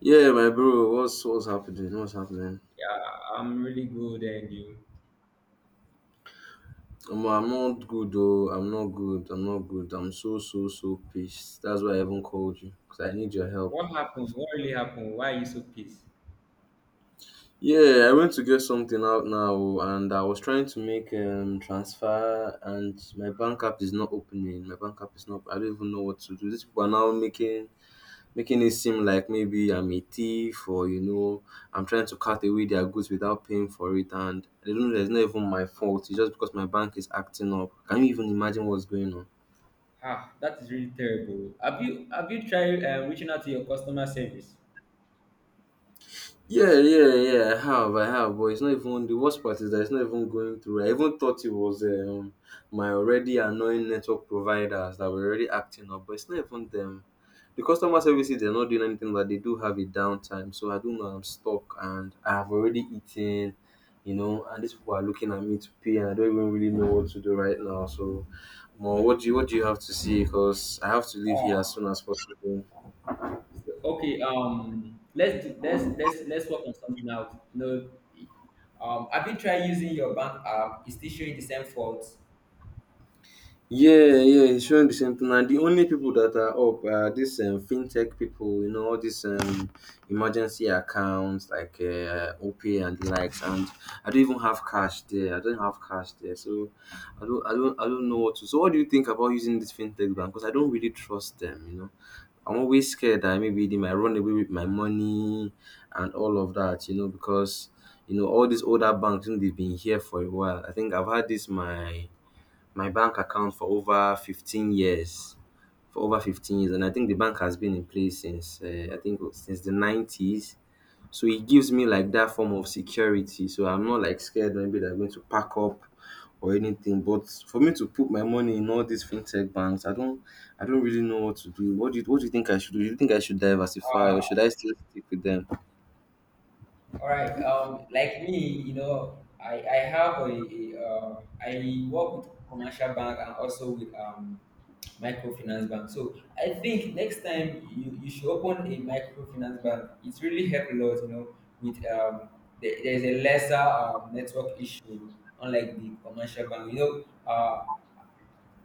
Yeah, my bro, what's happening? What's happening? Yeah, I'm really good. And you? Omo, I'm not good though. I'm not good. I'm not good. I'm so so so pissed. That's why I even called you because I need your help. What happened? What really happened? Why are you so pissed? Yeah, I went to get something out now, and I was trying to make transfer, and my bank app is not opening. My bank app is not. I don't even know what to do. These people are now making it seem like maybe I'm a thief, or I'm trying to cut away their goods without paying for it, and they don't know that it's not even my fault. It's just because my bank is acting up. Can you even imagine what's going on? Ah, that is really terrible. Have you tried reaching out to your customer service? Yeah, yeah, yeah. I have, but it's not even. The worst part is that it's not even going through. I even thought it was my already annoying network providers that were already acting up, but it's not even them. The customer services, they're not doing anything, but they do have a downtime. So I don't know. I'm stuck, and I have already eaten, and these people are looking at me to pay, and I don't even really know what to do right now. So, more, what do you have to see? Because I have to leave here as Oh, soon as possible. Okay. Let's do, let's work on something out. No, have you tried using your bank app? It's still showing the same fault. Yeah, yeah, it's showing the same thing. And the only people that are up are these fintech people, all these emergency accounts like OPay and the likes. And I don't even have cash there. I don't have cash there, so I don't know what to. So, what do you think about using this fintech bank? Because I don't really trust them. I'm always scared that maybe they might run away with my money and all of that, because all these older banks, they've been here for a while. I think I've had this my bank account for over 15 years. For over 15 years, and I think the bank has been in place since I think since the 90s. So it gives me like that form of security. So I'm not like scared maybe they're going to pack up or anything. But for me to put my money in all these fintech banks, I don't really know what to do. What do you think I should do? Do you think I should diversify, or should I still stick with them? All right. Like me, you know, I have a I work with commercial bank and also with microfinance bank. So I think next time you should open a microfinance bank. It's really helped a lot, you know, with there's a lesser network issue unlike the commercial bank. You know, uh,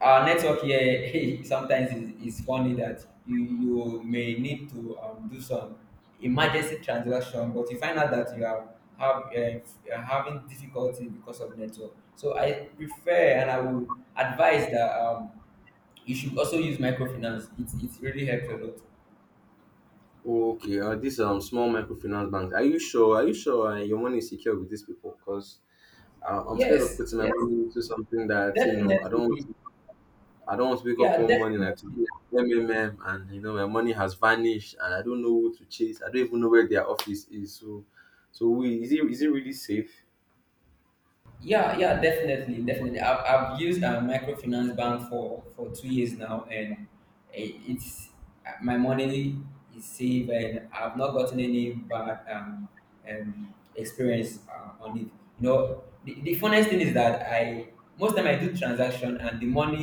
our network here sometimes is funny that you may need to do some emergency transaction, but you find out that you are have you're having difficulty because of network. So I prefer and I would advise that you should also use microfinance. It really helps a lot. Okay, these small microfinance banks. Are you sure? Are you sure, your money is secure with these people? Because I'm scared of Yes, putting my yes, money into something that I don't want definitely. to. I don't want to wake up Yeah, one morning like definitely. today, and my money has vanished and I don't know who to chase. I don't even know where their office is. So, is it really safe? Yeah, yeah, definitely, definitely. I've used a microfinance bank for 2 years now, and it, it's my money is safe, and I've not gotten any bad experience on it. You know, the funniest thing is that I most time I do transaction, and the money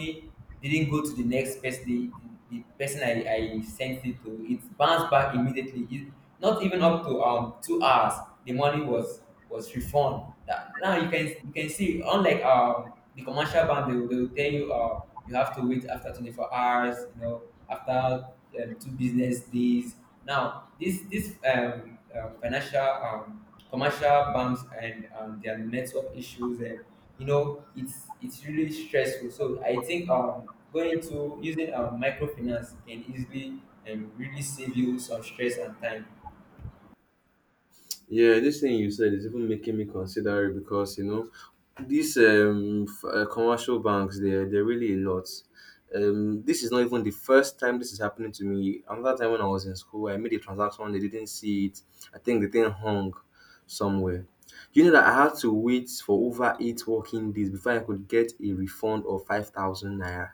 didn't go to the next person. The person I sent it to, it bounced back immediately. It, not even up to 2 hours, the money was reformed. That now you can see, unlike the commercial bank, they will tell you you have to wait after 24 hours, you know, after two business days. Now this financial commercial banks and their network issues, and you know it's really stressful. So I think going to using microfinance can easily and really save you some stress and time. Yeah, this thing you said is even making me consider it, because these commercial banks, they're really a lot. This is not even the first time this is happening to me. Another time, when I was in school, I made a transaction. They didn't see it. I think the thing hung somewhere. You know that I had to wait for over 8 working days before I could get a refund of 5,000 naira,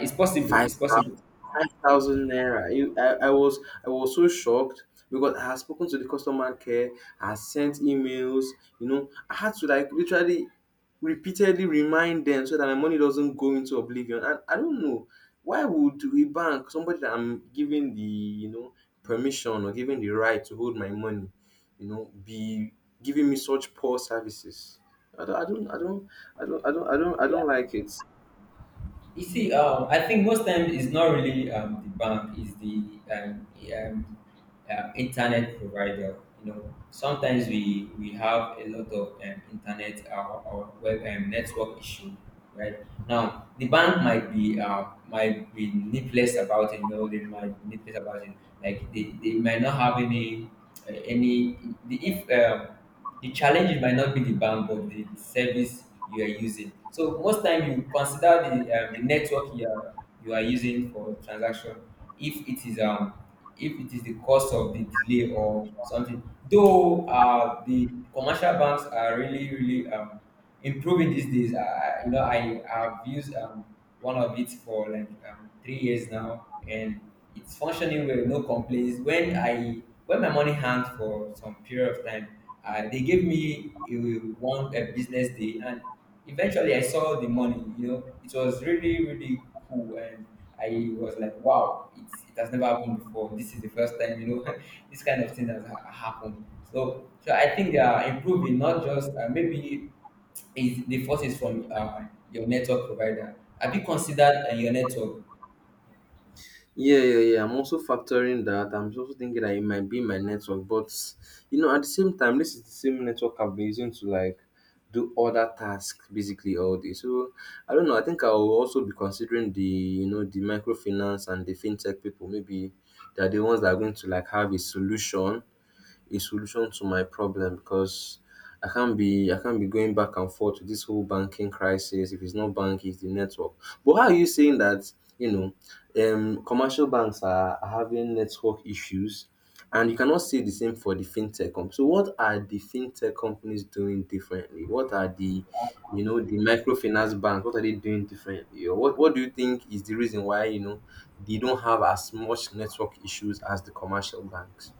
It's possible. five It's thousand, possible. five thousand naira. I was so shocked, because I had spoken to the customer care, I had sent emails, I had to like literally repeatedly remind them so that my money doesn't go into oblivion. And I don't know, why would a bank, somebody that I'm giving the permission, or giving the right to hold my money, be giving me such poor services. I don't, I don't, I don't, I don't, like it. You see, I think most times it's not really the bank, it's the um, internet provider. You know, sometimes we have a lot of internet or web network issue, right? Now, the bank might be needless about it. You know, they might be needless about it. Like they might not have any the if. The challenge might not be the bank but the service you are using. So most time you consider the network you are using for transaction, if it is if it is the cause of the delay or something. Though the commercial banks are really really improving these days. You know, I have used one of it for like 3 years now, and it's functioning well. No complaints. When my money hanged for some period of time, they gave me one a business day, and eventually I saw the money. You know, it was really really cool, and I was like, wow, it's, it has never happened before. This is the first time. You know, this kind of thing has happened. So I think they are improving, not just maybe is the first is from your network provider. Have you considered your network? Yeah, yeah, yeah. I'm also factoring that. I'm also thinking that it might be my network, but at the same time, this is the same network I've been using to like do other tasks basically all day. So I don't know. I think I'll also be considering the the microfinance and the fintech people. Maybe they're the ones that are going to like have a solution to my problem, because I can't be going back and forth with this whole banking crisis. If it's not bank, it's the network. But how are you saying that you commercial banks are having network issues, and you cannot say the same for the fintech company? So what are the fintech companies doing differently? What are the the microfinance banks? What are they doing differently? Or what do you think is the reason why they don't have as much network issues as the commercial banks?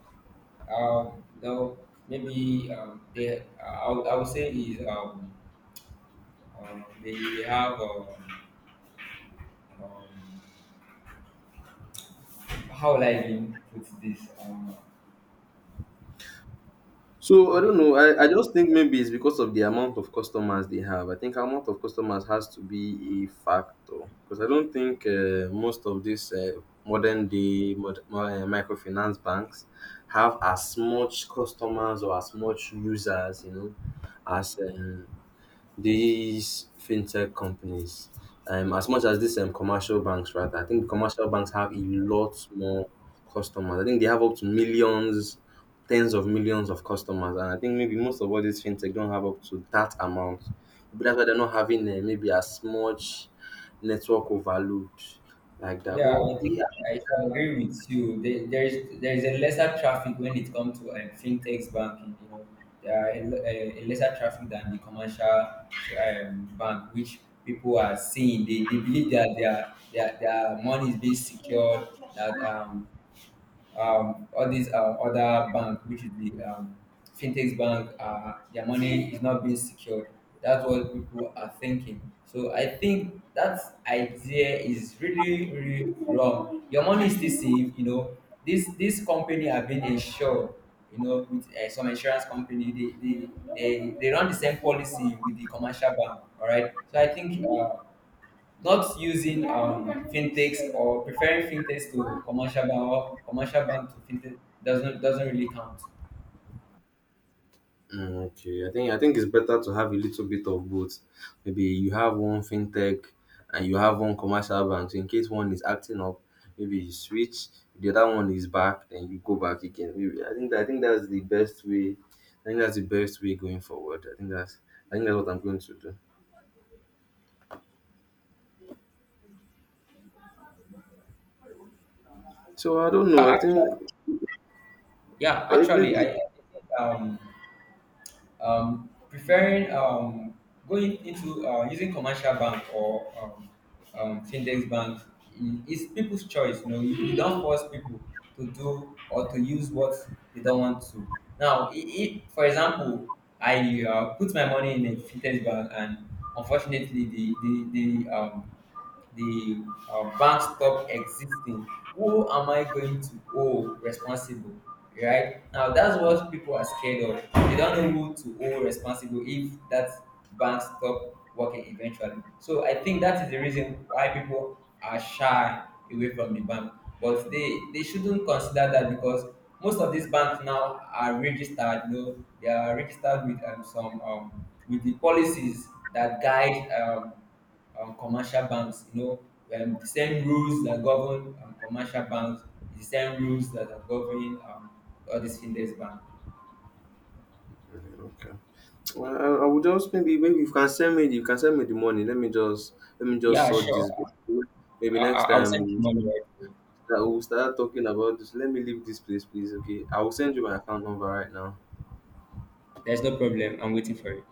No, maybe they. I would say is they have um, how will I even put this? So I don't know. I just think maybe it's because of the amount of customers they have. I think amount of customers has to be a factor, because I don't think, most of these modern day microfinance banks have as much customers or as much users, as these fintech companies, as much as these commercial banks, right? I think the commercial banks have a lot more customers. I think they have up to millions, tens of millions of customers, and I think maybe most of all these fintech don't have up to that amount. But that's why they're not having, maybe, as much network overload like that. Yeah, But I think yeah. I should agree with you. There is a lesser traffic when it comes to fintechs banking. You know, there are a, le- a lesser traffic than the commercial bank, which people are seeing. They believe that their money is being secured. That all these other bank, which is the fintech bank, their money is not being secured. That's what people are thinking. So I think that idea is really, really wrong. Your money is still safe. You know, this company have been insured. You know, with some insurance company, they run the same policy with the commercial bank. All right. So I think not using fintechs or preferring fintechs to commercial bank or commercial bank to fintech doesn't really count. Okay, I think it's better to have a little bit of both. Maybe you have one fintech and you have one commercial bank. So in case one is acting up, maybe you switch. If the other one is back, then you go back again. Maybe I think that's the best way. I think that's the best way going forward. I think that's what I'm going to do. So I don't But know. I think, actually, yeah, actually, I maybe, I think preferring going into using commercial bank or fintech banks is people's choice. You know, you don't force people to do or to use what they don't want to. Now, for example, I put my money in a fintech bank, and unfortunately, the bank stop existing. Who am I going to owe responsible? Right now, that's what people are scared of. They don't know who to owe responsible if that bank stop working eventually. So I think that is the reason why people are shy away from the bank, but they shouldn't consider that, because most of these banks now are registered. You know, they are registered with some with the policies that guide commercial banks. You know, the same rules that govern commercial banks, the same rules that are governing all these fintech banks. okay. Well, I would just, maybe you can send me you can send me the money. let me just Yeah, sort this bit. sure. Maybe next I'll time, send the we money right away. that we'll start talking about this. Let me leave this place, please. Okay. I will send you my account number right now. There's no problem. I'm waiting for it.